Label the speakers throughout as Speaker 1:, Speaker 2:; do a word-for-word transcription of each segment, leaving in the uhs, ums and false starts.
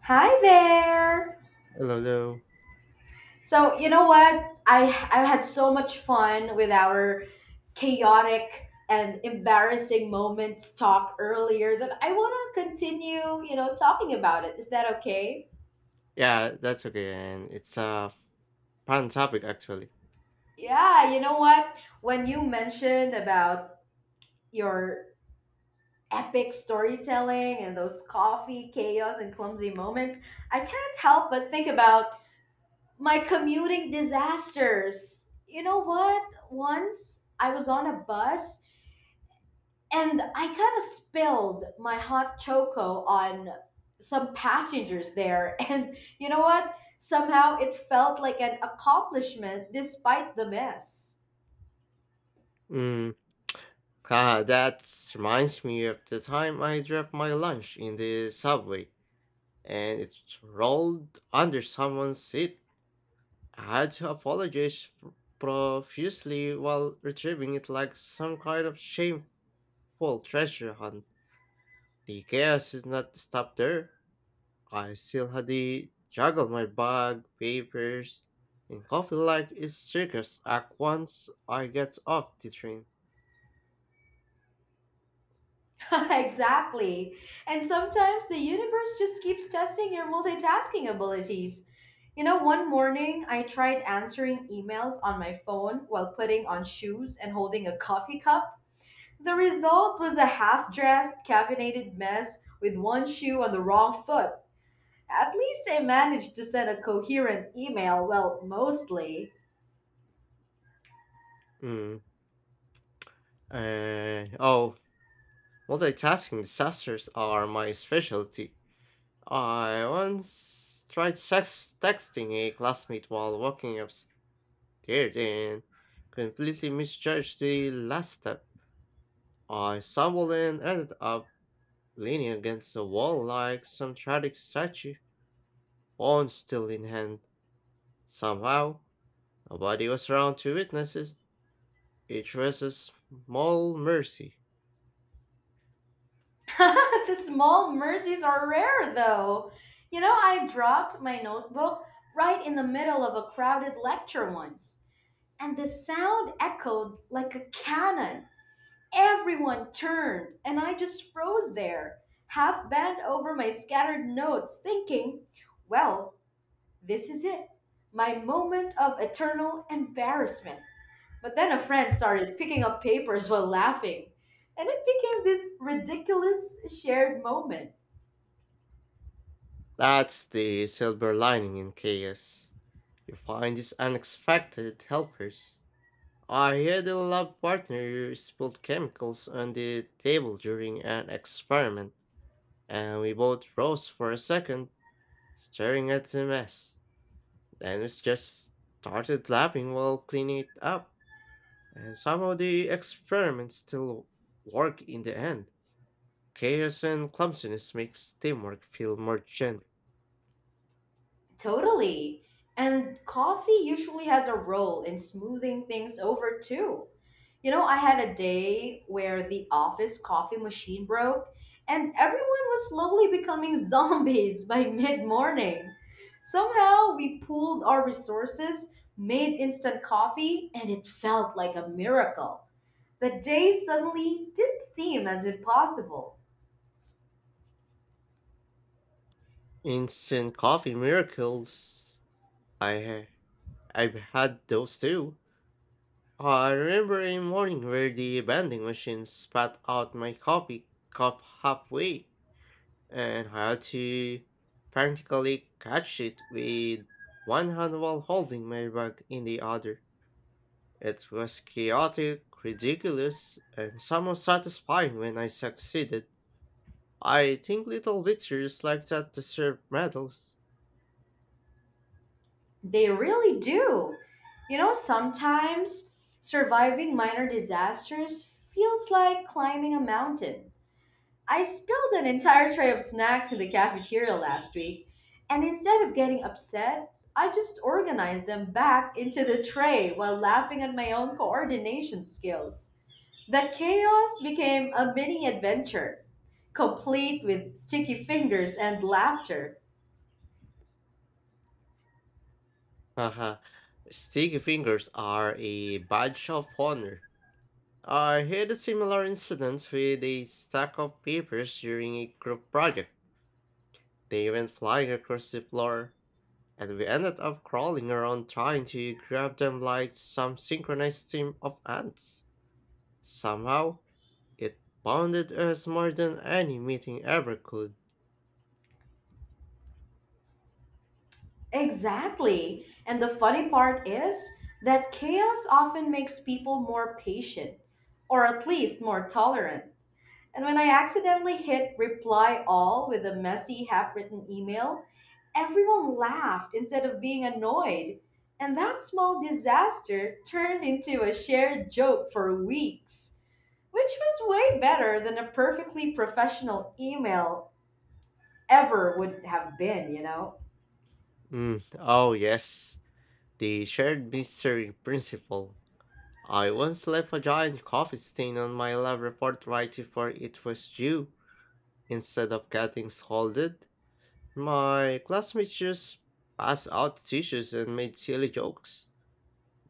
Speaker 1: Hi there.
Speaker 2: Hello, hello.
Speaker 1: So, you know what? I I've had so much fun with our chaotic and embarrassing moments talk earlier that I want to continue, you know, talking about it. Is that okay?
Speaker 2: Yeah, that's okay, and it's a fun topic actually.
Speaker 1: Yeah, you know what? When you mentioned about your epic storytelling and those coffee chaos and clumsy moments, I can't help but think about my commuting disasters. You know what? Once I was on a bus and I kind of spilled my hot choco on some passengers there. And you know what? Somehow it felt like an accomplishment despite the mess.
Speaker 2: Mm, ah, that reminds me of the time I dropped my lunch in the subway, and it rolled under someone's seat. I had to apologize pr- profusely while retrieving it like some kind of shameful treasure hunt. The chaos is not stopped there. I still had to juggle my bag, papers, and coffee like a circus act once I get off the train.
Speaker 1: Exactly. And sometimes the universe just keeps testing your multitasking abilities. You know, one morning I tried answering emails on my phone while putting on shoes and holding a coffee cup. The result was a half dressed, caffeinated mess with one shoe on the wrong foot. At least I managed to send a coherent email, well, mostly.
Speaker 2: Mm. Uh, oh, Multitasking disasters are my specialty. I once tried sex- texting a classmate while walking upstairs and completely misjudged the last step. I stumbled and ended up leaning against the wall like some tragic statue, phone still in hand. Somehow, nobody was around to witness it. It was a small mercy.
Speaker 1: The small mercies are rare, though. You know, I dropped my notebook right in the middle of a crowded lecture once, and the sound echoed like a cannon. Everyone turned, and I just froze there, half bent over my scattered notes, thinking, well, this is it. My moment of eternal embarrassment. But then a friend started picking up papers while laughing, and it became this ridiculous shared moment.
Speaker 2: That's the silver lining in chaos. You find these unexpected helpers. I had a lab partner who spilled chemicals on the table during an experiment, and we both froze for a second, staring at the mess. Then we just started laughing while cleaning it up, and somehow the experiments still work in the end. Chaos and clumsiness makes teamwork feel more genuine.
Speaker 1: Totally. And coffee usually has a role in smoothing things over too. You know, I had a day where the office coffee machine broke, and everyone was slowly becoming zombies by mid morning. Somehow, we pooled our resources, made instant coffee, and it felt like a miracle. The day suddenly did seem as impossible.
Speaker 2: Instant coffee miracles. I ha- I've had those too. I remember a morning where the vending machine spat out my coffee cup halfway, and I had to practically catch it with one hand while holding my bag in the other. It was chaotic, ridiculous, and somewhat satisfying when I succeeded. I think little victories like that deserve medals.
Speaker 1: They really do. You know, sometimes surviving minor disasters feels like climbing a mountain. I spilled an entire tray of snacks in the cafeteria last week, and instead of getting upset, I just organized them back into the tray while laughing at my own coordination skills. The chaos became a mini adventure, complete with sticky fingers and laughter.
Speaker 2: Haha. Sticky fingers are a badge of honor. I had a similar incident with a stack of papers during a group project. They went flying across the floor, and we ended up crawling around trying to grab them like some synchronized team of ants. Somehow, it bonded us more than any meeting ever could.
Speaker 1: Exactly. And the funny part is that chaos often makes people more patient, or at least more tolerant. And when I accidentally hit reply all with a messy, half written email, everyone laughed instead of being annoyed. And that small disaster turned into a shared joke for weeks, which was way better than a perfectly professional email ever would have been, you know?
Speaker 2: Mm, oh yes. The shared mystery principle. I once left a giant coffee stain on my lab report right before it was due. Instead of getting scolded, my classmates just passed out tissues and made silly jokes.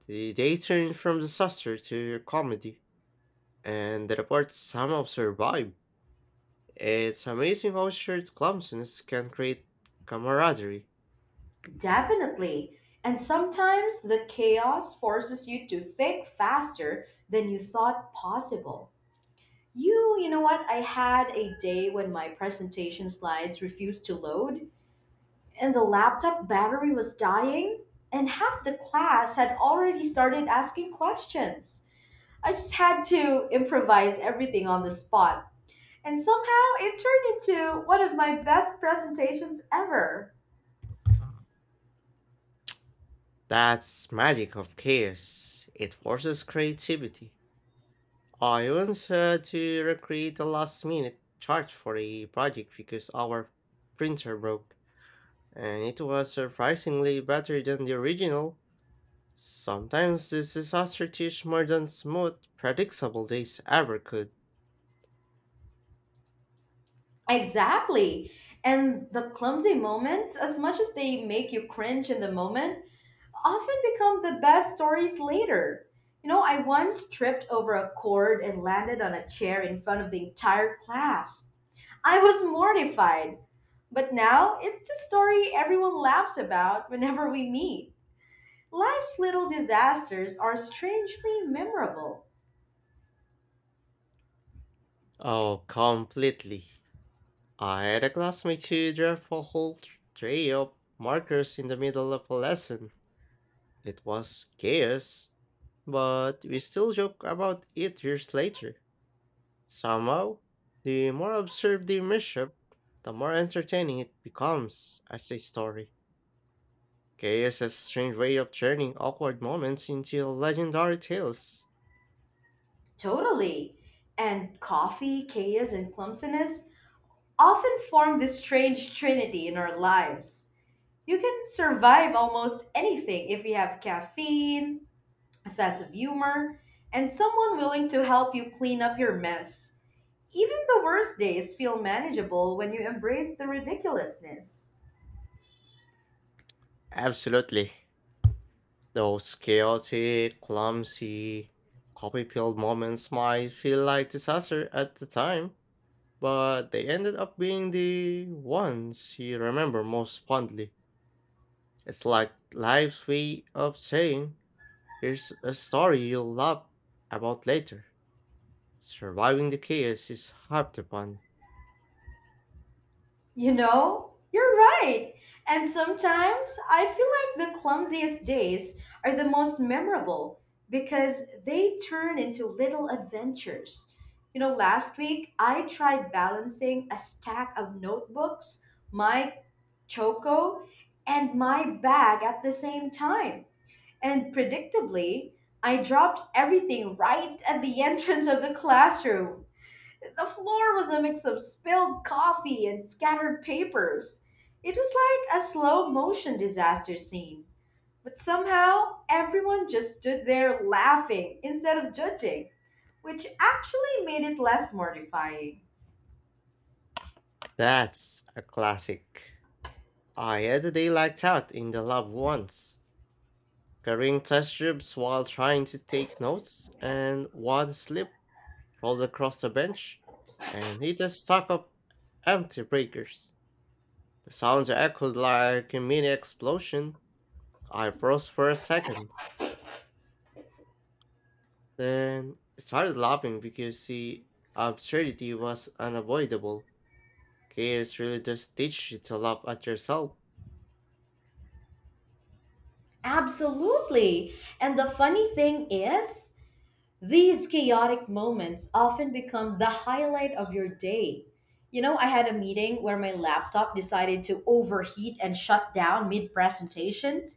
Speaker 2: The day turned from disaster to comedy, and the report somehow survived. It's amazing how shared clumsiness can create camaraderie.
Speaker 1: Definitely. And sometimes the chaos forces you to think faster than you thought possible. You, you know what? I had a day when my presentation slides refused to load and the laptop battery was dying, and half the class had already started asking questions. I just had to improvise everything on the spot, and somehow it turned into one of my best presentations ever.
Speaker 2: That's magic of chaos. It forces creativity. I once had to recreate a last minute chart for a project because our printer broke, and it was surprisingly better than the original. Sometimes this disaster teach more than smooth, predictable days ever could.
Speaker 1: Exactly. And the clumsy moments, as much as they make you cringe in the moment, often become the best stories later. You know, I once tripped over a cord and landed on a chair in front of the entire class. I was mortified, but now it's the story everyone laughs about whenever we meet. Life's little disasters are strangely memorable.
Speaker 2: Oh, completely. I had a classmate who dropped a whole tr- tray of markers in the middle of a lesson. It was chaos, but we still joke about it years later. Somehow, the more absurd the mishap, the more entertaining it becomes as a story. Chaos has a strange way of turning awkward moments into legendary tales.
Speaker 1: Totally. And coffee, chaos, and clumsiness often form this strange trinity in our lives. You can survive almost anything if you have caffeine, a sense of humor, and someone willing to help you clean up your mess. Even the worst days feel manageable when you embrace the ridiculousness.
Speaker 2: Absolutely. Those chaotic, clumsy, copy-filled moments might feel like disaster at the time, but they ended up being the ones you remember most fondly. It's like life's way of saying, here's a story you'll love about later. Surviving the chaos is half the fun.
Speaker 1: You know, you're right. And sometimes I feel like the clumsiest days are the most memorable because they turn into little adventures. You know, last week I tried balancing a stack of notebooks, my choco, and my bag at the same time. And predictably, I dropped everything right at the entrance of the classroom. The floor was a mix of spilled coffee and scattered papers. It was like a slow motion disaster scene. But somehow, everyone just stood there laughing instead of judging, which actually made it less mortifying.
Speaker 2: That's a classic. I had a day like that in the lab once, carrying test tubes while trying to take notes, and one slip rolled across the bench and hit a stack of empty breakers. The sound echoed like a mini explosion. I froze for a second, then started laughing because the absurdity was unavoidable. Chaos really does teach you to laugh at yourself.
Speaker 1: Absolutely. And the funny thing is, these chaotic moments often become the highlight of your day. You know, I had a meeting where my laptop decided to overheat and shut down mid presentation,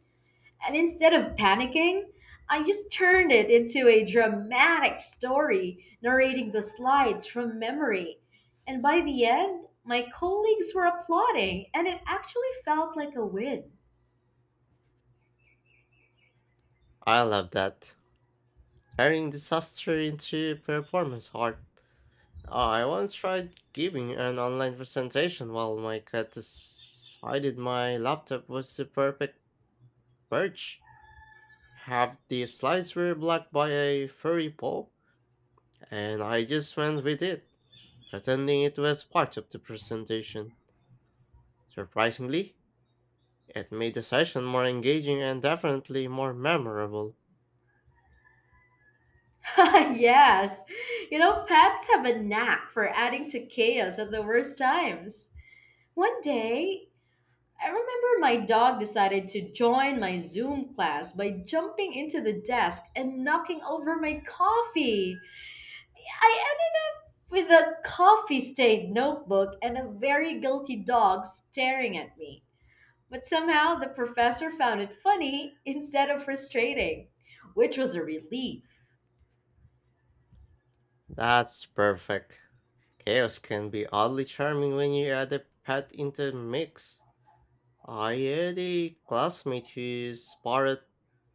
Speaker 1: and instead of panicking, I just turned it into a dramatic story, narrating the slides from memory. And by the end, my colleagues were applauding, and it actually felt like a win.
Speaker 2: I love that. Turning disaster into performance art. Uh, I once tried giving an online presentation while my cat decided my laptop was the perfect perch. Half the slides were blocked by a furry paw, and I just went with it, pretending it was part of the presentation. Surprisingly, it made the session more engaging and definitely more memorable.
Speaker 1: Yes, you know, pets have a knack for adding to chaos at the worst times. One day, I remember my dog decided to join my Zoom class by jumping into the desk and knocking over my coffee. I ended with a coffee stained notebook and a very guilty dog staring at me. But somehow the professor found it funny instead of frustrating, which was a relief.
Speaker 2: That's perfect. Chaos can be oddly charming when you add a pet into the mix. I had a classmate who whose parrot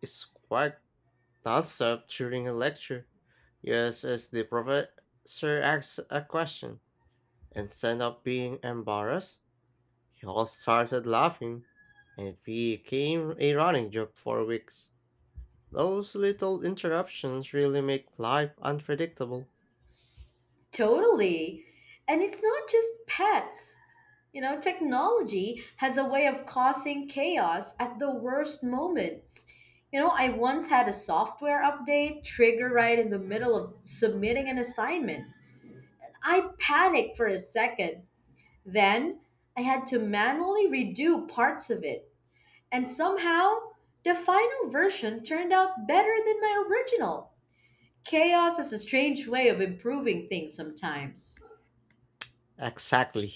Speaker 2: squawked nonstop during a lecture, just as the professor asked a question. Instead of being embarrassed, he all started laughing, and it became a running joke for weeks. Those little interruptions really make life unpredictable.
Speaker 1: Totally. And it's not just pets. You know, technology has a way of causing chaos at the worst moments. You know, I once had a software update trigger right in the middle of submitting an assignment. I panicked for a second. Then I had to manually redo parts of it. And somehow, the final version turned out better than my original. Chaos is a strange way of improving things sometimes.
Speaker 2: Exactly.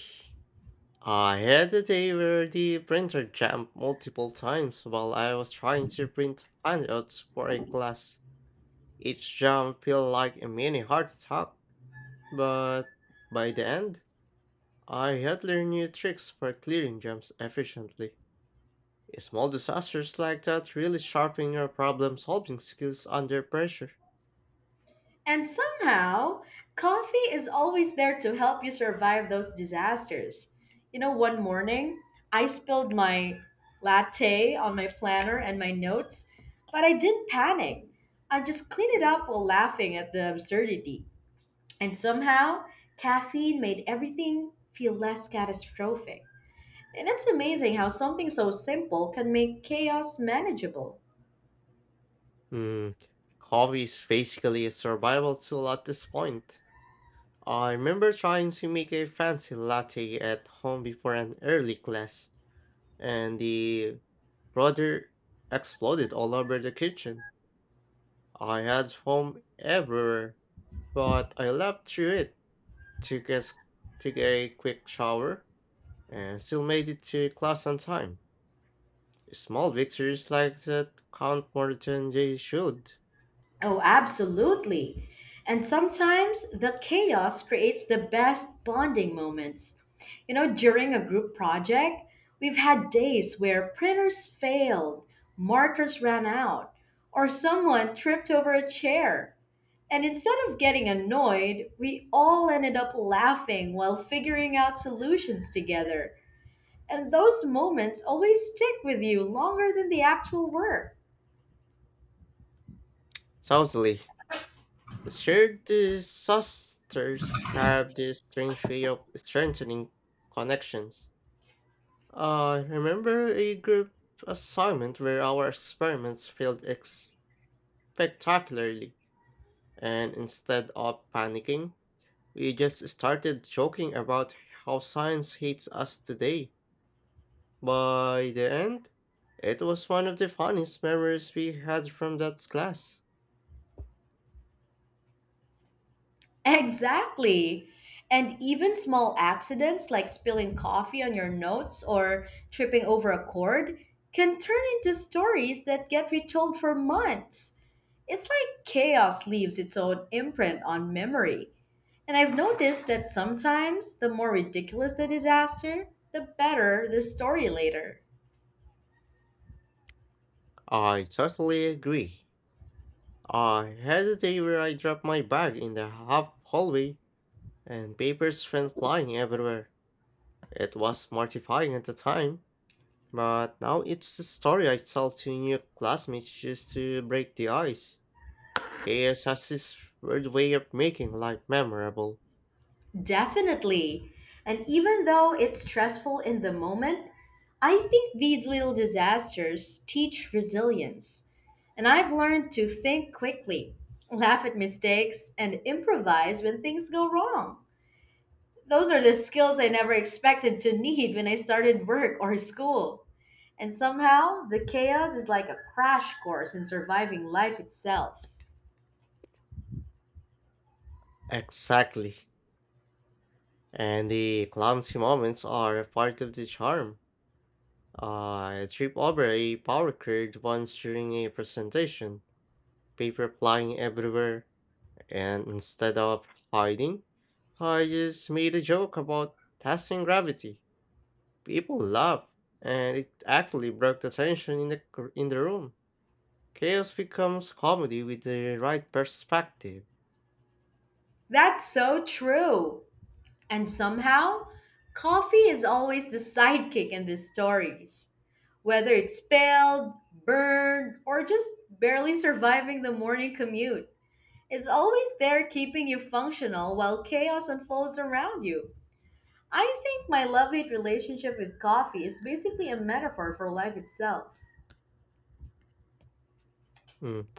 Speaker 2: I had a day where the printer jammed multiple times while I was trying to print handouts for a class. Each jam felt like a mini heart attack, but by the end, I had learned new tricks for clearing jams efficiently. Small disasters like that really sharpen your problem solving skills under pressure.
Speaker 1: And somehow, coffee is always there to help you survive those disasters. You know, one morning, I spilled my latte on my planner and my notes, but I didn't panic. I just cleaned it up while laughing at the absurdity. And somehow, caffeine made everything feel less catastrophic. And it's amazing how something so simple can make chaos manageable.
Speaker 2: Hmm, coffee is basically a survival tool at this point. I remember trying to make a fancy latte at home before an early class, and the brother exploded all over the kitchen. I had foam everywhere, but I laughed through it, took a, s- took a quick shower, and still made it to class on time. Small victories like that count more than they should.
Speaker 1: Oh, absolutely. And sometimes the chaos creates the best bonding moments. You know, during a group project, we've had days where printers failed, markers ran out, or someone tripped over a chair. And instead of getting annoyed, we all ended up laughing while figuring out solutions together. And those moments always stick with you longer than the actual work.
Speaker 2: Southly, shared disasters have this strange way of strengthening connections. I remember a group assignment where our experiments failed ex- spectacularly, and instead of panicking, we just started joking about how science hates us today. By the end, it was one of the funniest memories we had from that class.
Speaker 1: Exactly. And even small accidents like spilling coffee on your notes or tripping over a cord can turn into stories that get retold for months. It's like chaos leaves its own imprint on memory. And I've noticed that sometimes the more ridiculous the disaster, the better the story later.
Speaker 2: I totally agree. I had a day where I dropped my bag in the half hallway and papers went flying everywhere. It was mortifying at the time, but now it's a story I tell to new classmates just to break the ice. Chaos has this weird way of making life memorable.
Speaker 1: Definitely. And even though it's stressful in the moment, I think these little disasters teach resilience. And I've learned to think quickly, laugh at mistakes, and improvise when things go wrong. Those are the skills I never expected to need when I started work or school. And somehow, the chaos is like a crash course in surviving life itself.
Speaker 2: Exactly. And the clumsy moments are a part of the charm. I tripped over a power grid once during a presentation, paper flying everywhere, and instead of hiding, I just made a joke about testing gravity. People laughed, and it actually broke the tension in the cr- in the room. Chaos becomes comedy with the right perspective.
Speaker 1: That's so true. And somehow, coffee is always the sidekick in these stories. Whether it's spelled, burned, or just barely surviving the morning commute, it's always there keeping you functional while chaos unfolds around you. I think my love hate relationship with coffee is basically a metaphor for life itself.
Speaker 2: Mm.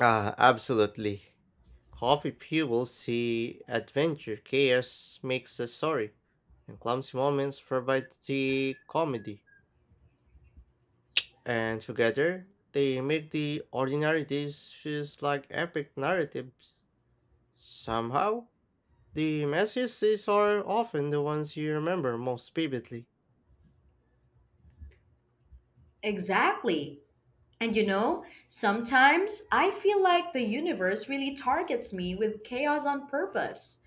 Speaker 2: Ah, absolutely. Coffee fuels the adventure. Chaos makes the story, and clumsy moments provide the comedy. And together, they make the ordinary days feels like epic narratives. Somehow, the messiest days are often the ones you remember most vividly.
Speaker 1: Exactly. And you know, sometimes I feel like the universe really targets me with chaos on purpose.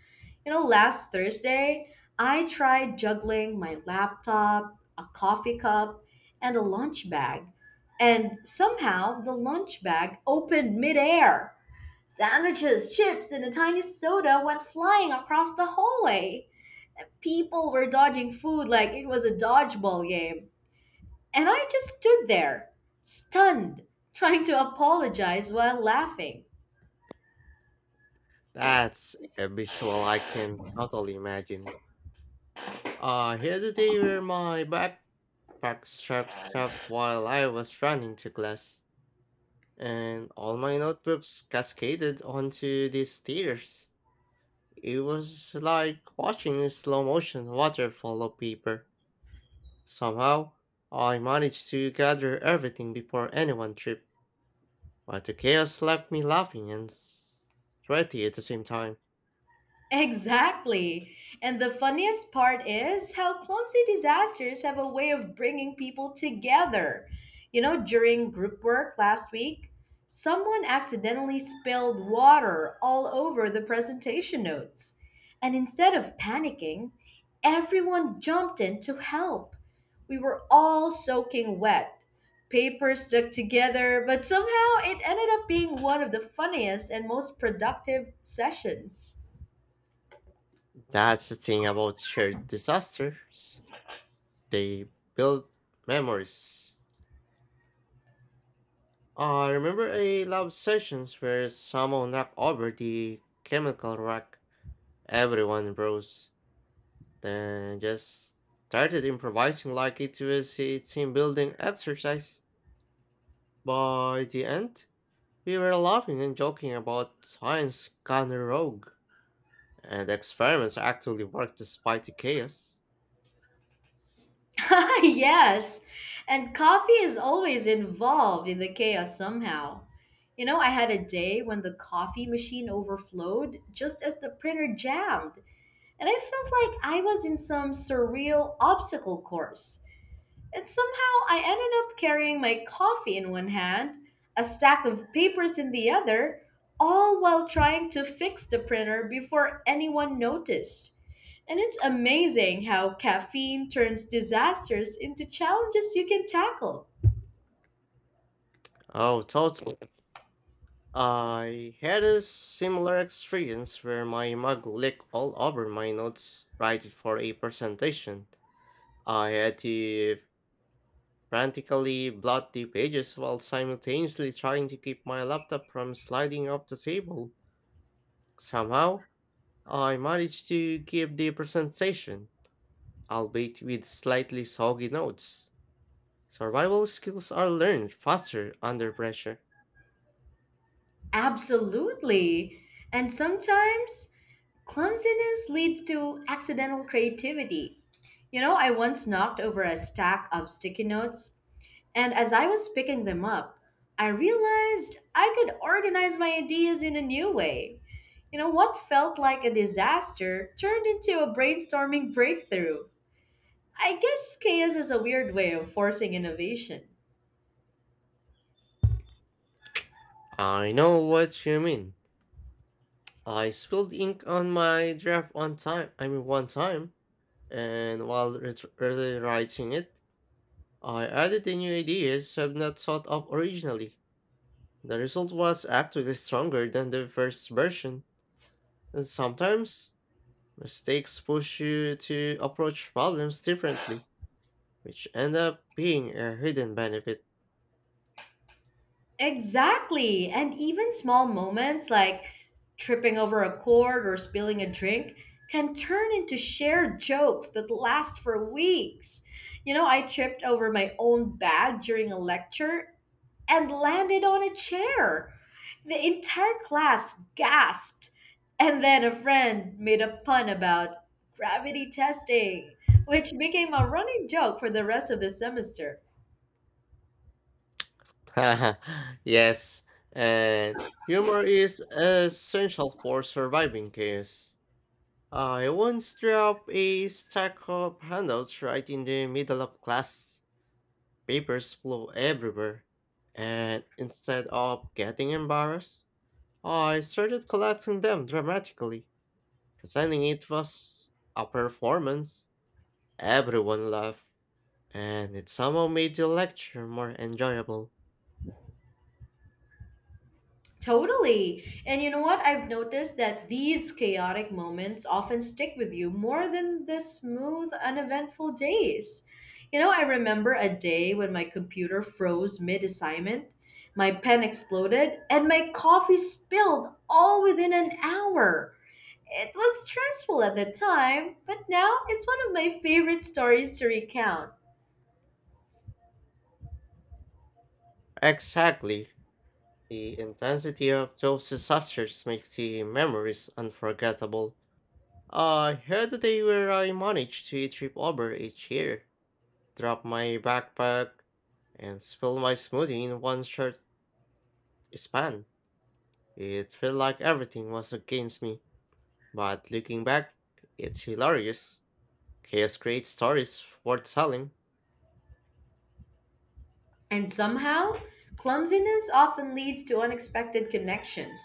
Speaker 1: You know, last Thursday, I tried juggling my laptop, a coffee cup, and a lunch bag. And somehow the lunch bag opened midair. Sandwiches, chips, and a tiny soda went flying across the hallway. People were dodging food like it was a dodgeball game. And I just stood there, stunned, trying to apologize while laughing.
Speaker 2: That's a visual I can totally imagine. Uh, here the day where my backpack straps up while I was running to class, and all my notebooks cascaded onto these stairs. It was like watching a slow motion waterfall of paper. Somehow, I managed to gather everything before anyone tripped, but the chaos left me laughing and s- sweaty at the same time.
Speaker 1: Exactly. And the funniest part is how clumsy disasters have a way of bringing people together. You know, during group work last week, someone accidentally spilled water all over the presentation notes. And instead of panicking, everyone jumped in to help. We were all soaking wet. Paper stuck together, but somehow it ended up being one of the funniest and most productive sessions.
Speaker 2: That's the thing about shared disasters. They build memories. Uh, I remember a lab sessions where someone knocked over the chemical rack. Everyone rose, then just started improvising like it was a team building exercise. By the end, we were laughing and joking about science gone rogue, and experiments actually worked despite the chaos.
Speaker 1: Yes, and coffee is always involved in the chaos somehow. You know, I had a day when the coffee machine overflowed just as the printer jammed, and I felt like I was in some surreal obstacle course. And somehow I ended up carrying my coffee in one hand, a stack of papers in the other, all while trying to fix the printer before anyone noticed. And it's amazing how caffeine turns disasters into challenges you can tackle.
Speaker 2: Oh, totally. I had a similar experience where my mug licked all over my notes right for a presentation. I had to frantically blot the pages while simultaneously trying to keep my laptop from sliding off the table. Somehow, I managed to give the presentation, albeit with slightly soggy notes. Survival skills are learned faster under pressure.
Speaker 1: Absolutely. And sometimes clumsiness leads to accidental creativity. You know, I once knocked over a stack of sticky notes, and as I was picking them up, I realized I could organize my ideas in a new way. You know, what felt like a disaster turned into a brainstorming breakthrough. I guess chaos is a weird way of forcing innovation.
Speaker 2: I know what you mean. I spilled ink on my draft one time, I mean one time, and while ret- rewriting it, I added the new ideas I've not thought of originally. The result was actually stronger than the first version, and sometimes mistakes push you to approach problems differently, which end up being a hidden benefit.
Speaker 1: Exactly. And even small moments like tripping over a cord or spilling a drink can turn into shared jokes that last for weeks. You know, I tripped over my own bag during a lecture and landed on a chair. The entire class gasped. And then a friend made a pun about gravity testing, which became a running joke for the rest of the semester.
Speaker 2: Yes, and humor is essential for surviving chaos. I once dropped a stack of handouts right in the middle of class. Papers flew everywhere. And instead of getting embarrassed, I started collecting them dramatically. Pretending it was a performance. Everyone laughed, and it somehow made the lecture more enjoyable.
Speaker 1: Totally. And you know what? I've noticed that these chaotic moments often stick with you more than the smooth, uneventful days. You know, I remember a day when my computer froze mid assignment, my pen exploded, and my coffee spilled all within an hour. It was stressful at the time, but now it's one of my favorite stories to recount.
Speaker 2: Exactly. The intensity of those disasters makes the memories unforgettable. I had a day where I managed to trip over a chair, drop my backpack, and spill my smoothie in one short span. It felt like everything was against me, but looking back, it's hilarious. Chaos creates stories worth telling.
Speaker 1: And somehow, clumsiness often leads to unexpected connections.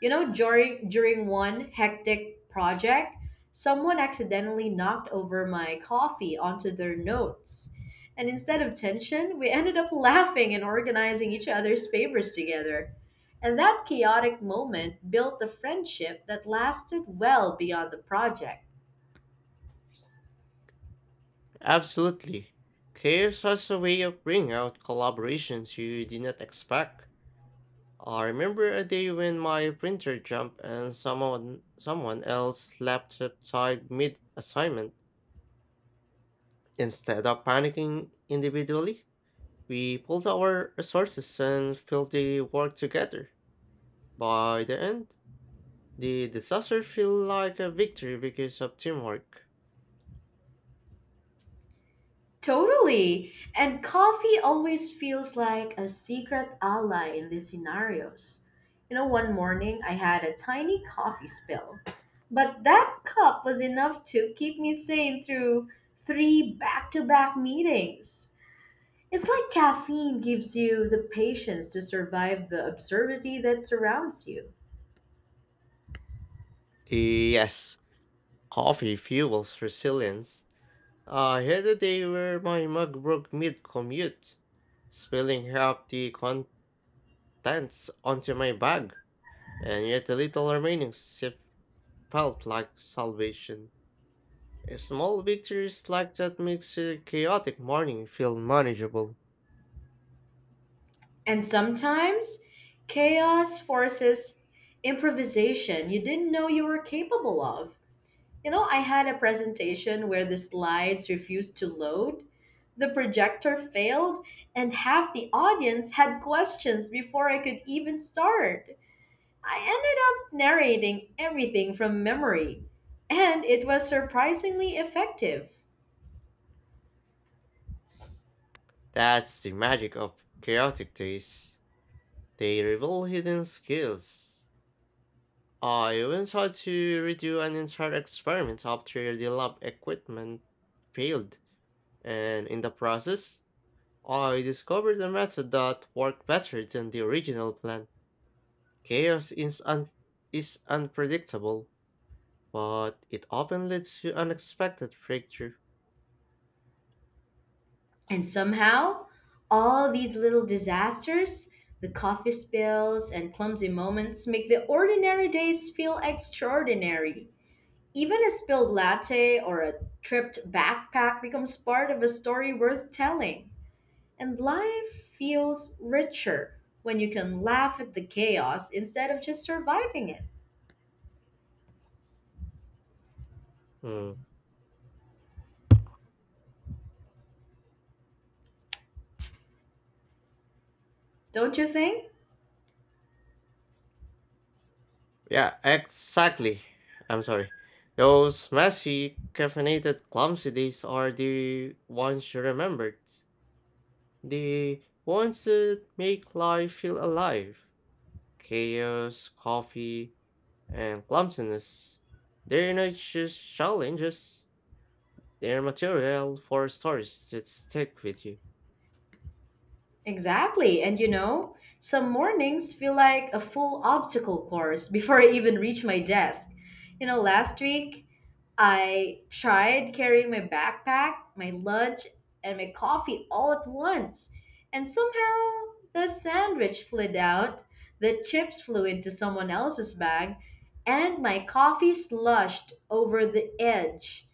Speaker 1: You know, during, during one hectic project, someone accidentally knocked over my coffee onto their notes. And instead of tension, we ended up laughing and organizing each other's papers together. And that chaotic moment built a friendship that lasted well beyond the project.
Speaker 2: Absolutely. Chaos has a way of bringing out collaborations you did not expect. I remember a day when my printer jumped and someone someone else laptop died mid assignment. Instead of panicking individually, we pulled our resources and filled the work together. By the end, the disaster felt like a victory because of teamwork.
Speaker 1: Totally. And coffee always feels like a secret ally in these scenarios. You know, one morning I had a tiny coffee spill, but that cup was enough to keep me sane through three back to back meetings. It's like caffeine gives you the patience to survive the absurdity that surrounds you.
Speaker 2: Yes, coffee fuels resilience. I had a day where my mug broke mid commute, spilling half the contents onto my bag, and yet the little remaining sip felt like salvation. Small victories like that makes a chaotic morning feel manageable.
Speaker 1: And sometimes chaos forces improvisation you didn't know you were capable of. You know, I had a presentation where the slides refused to load, the projector failed, and half the audience had questions before I could even start. I ended up narrating everything from memory, and it was surprisingly effective.
Speaker 2: That's the magic of chaotic days. They reveal hidden skills. I once had to redo an entire experiment after the lab equipment failed, and in the process, I discovered a method that worked better than the original plan. Chaos is, un- is unpredictable, but it often leads to unexpected breakthrough.
Speaker 1: And somehow, all these little disasters, the coffee spills and clumsy moments, make the ordinary days feel extraordinary. Even a spilled latte or a tripped backpack becomes part of a story worth telling. And life feels richer when you can laugh at the chaos instead of just surviving it.
Speaker 2: Hmm.
Speaker 1: Don't you think?
Speaker 2: Yeah, exactly. I'm sorry. Those messy, caffeinated, clumsy days are the ones you remembered. The ones that make life feel alive. Chaos, coffee, and clumsiness. They're not just challenges, they're material for stories that stick with you.
Speaker 1: Exactly. And you know, some mornings feel like a full obstacle course before I even reach my desk. You know, last week I tried carrying my backpack, my lunch, and my coffee all at once, and somehow the sandwich slid out, the chips flew into someone else's bag, and my coffee sloshed over the edge.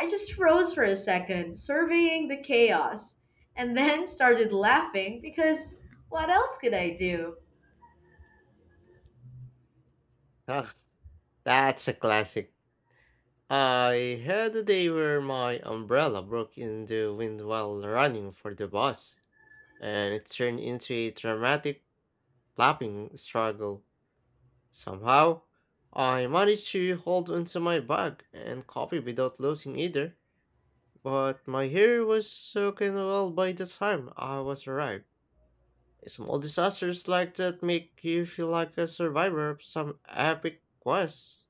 Speaker 1: I just froze for a second, surveying the chaos, and then started laughing because what else could I do?
Speaker 2: Ah, that's a classic. I had a day where my umbrella broke in the wind while running for the bus, and it turned into a dramatic flapping struggle. Somehow, I managed to hold onto my bag and copy without losing either, but my hair was soaking well by the time I was arrived. Small disasters like that make you feel like a survivor of some epic quest.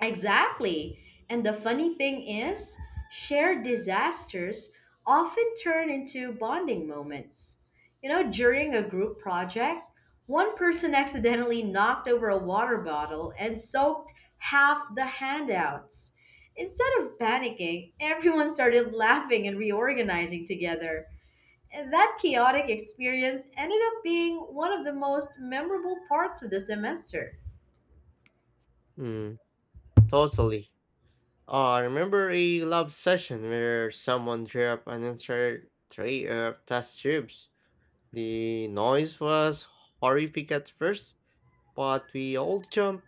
Speaker 1: Exactly. And the funny thing is, shared disasters often turn into bonding moments. You know, during a group project, one person accidentally knocked over a water bottle and soaked half the handouts. Instead of panicking, everyone started laughing and reorganizing together. And that chaotic experience ended up being one of the most memorable parts of the semester.
Speaker 2: Hmm, totally. I remember a lab session where someone drew up an entire tray of test tubes. The noise was horrific at first, but we all jumped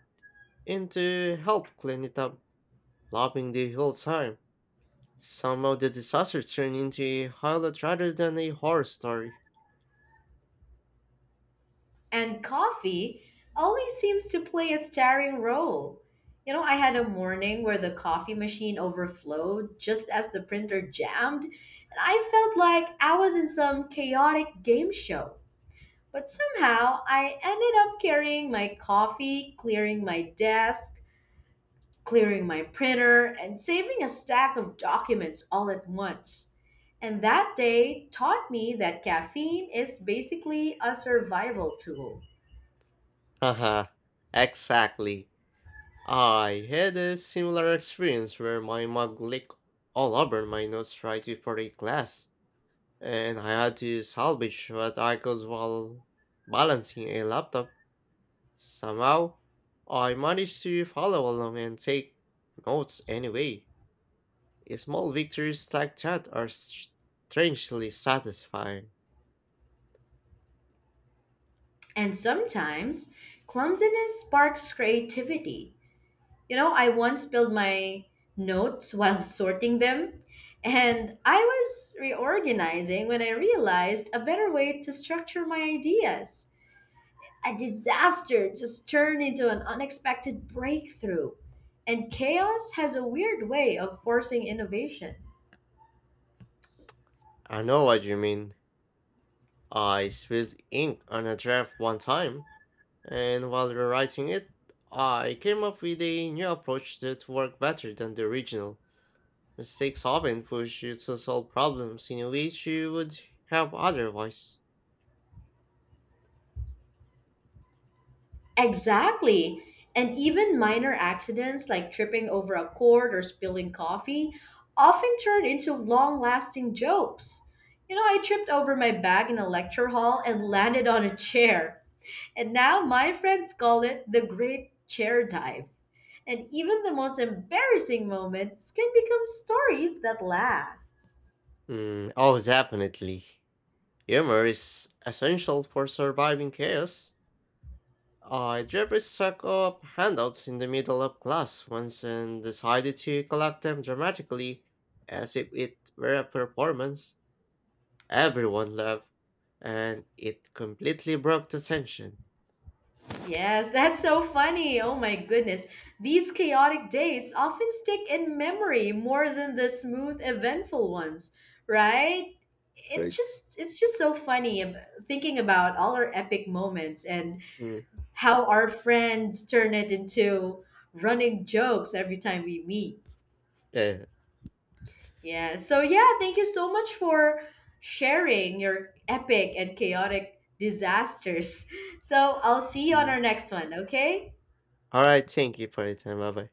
Speaker 2: in to help clean it up, laughing the whole time. Some of the disaster turned into a highlight rather than a horror story.
Speaker 1: And coffee always seems to play a starring role. You know, I had a morning where the coffee machine overflowed just as the printer jammed, and I felt like I was in some chaotic game show. But somehow I ended up carrying my coffee, clearing my desk, clearing my printer, and saving a stack of documents all at once. And that day taught me that caffeine is basically a survival tool.
Speaker 2: Haha, exactly. I had a similar experience where my mug leaked all over my notes right before a class, and I had to salvage what I could while balancing a laptop. Somehow, I managed to follow along and take notes anyway. Small victories like that are strangely satisfying.
Speaker 1: And sometimes clumsiness sparks creativity. You know, I once spilled my notes while sorting them, and I was reorganizing when I realized a better way to structure my ideas. A disaster just turned into an unexpected breakthrough, and chaos has a weird way of forcing innovation.
Speaker 2: I know what you mean. I spilled ink on a draft one time, and while rewriting it, I came up with a new approach that worked better than the original. Mistakes often push you to solve problems in a way you would have otherwise.
Speaker 1: Exactly. And even minor accidents like tripping over a cord or spilling coffee often turn into long lasting jokes. You know, I tripped over my bag in a lecture hall and landed on a chair. And now my friends call it the great chair dive. And even the most embarrassing moments can become stories that last.
Speaker 2: Mm, oh, definitely. Humor is essential for surviving chaos. I deliberately stuck up handouts in the middle of class once and decided to collect them dramatically as if it were a performance. Everyone laughed, and it completely broke the tension.
Speaker 1: Yes, that's so funny. Oh my goodness. These chaotic days often stick in memory more than the smooth, eventful ones, right? It
Speaker 2: Right.
Speaker 1: just it's just so funny ab- thinking about all our epic moments and
Speaker 2: Mm,
Speaker 1: how our friends turn it into running jokes every time we meet.
Speaker 2: yeah.
Speaker 1: Yeah. So yeah, thank you so much for sharing your epic and chaotic disasters. So I'll see you on
Speaker 2: mm.
Speaker 1: our next one, okay?
Speaker 2: All right, thank you for your time. Bye bye.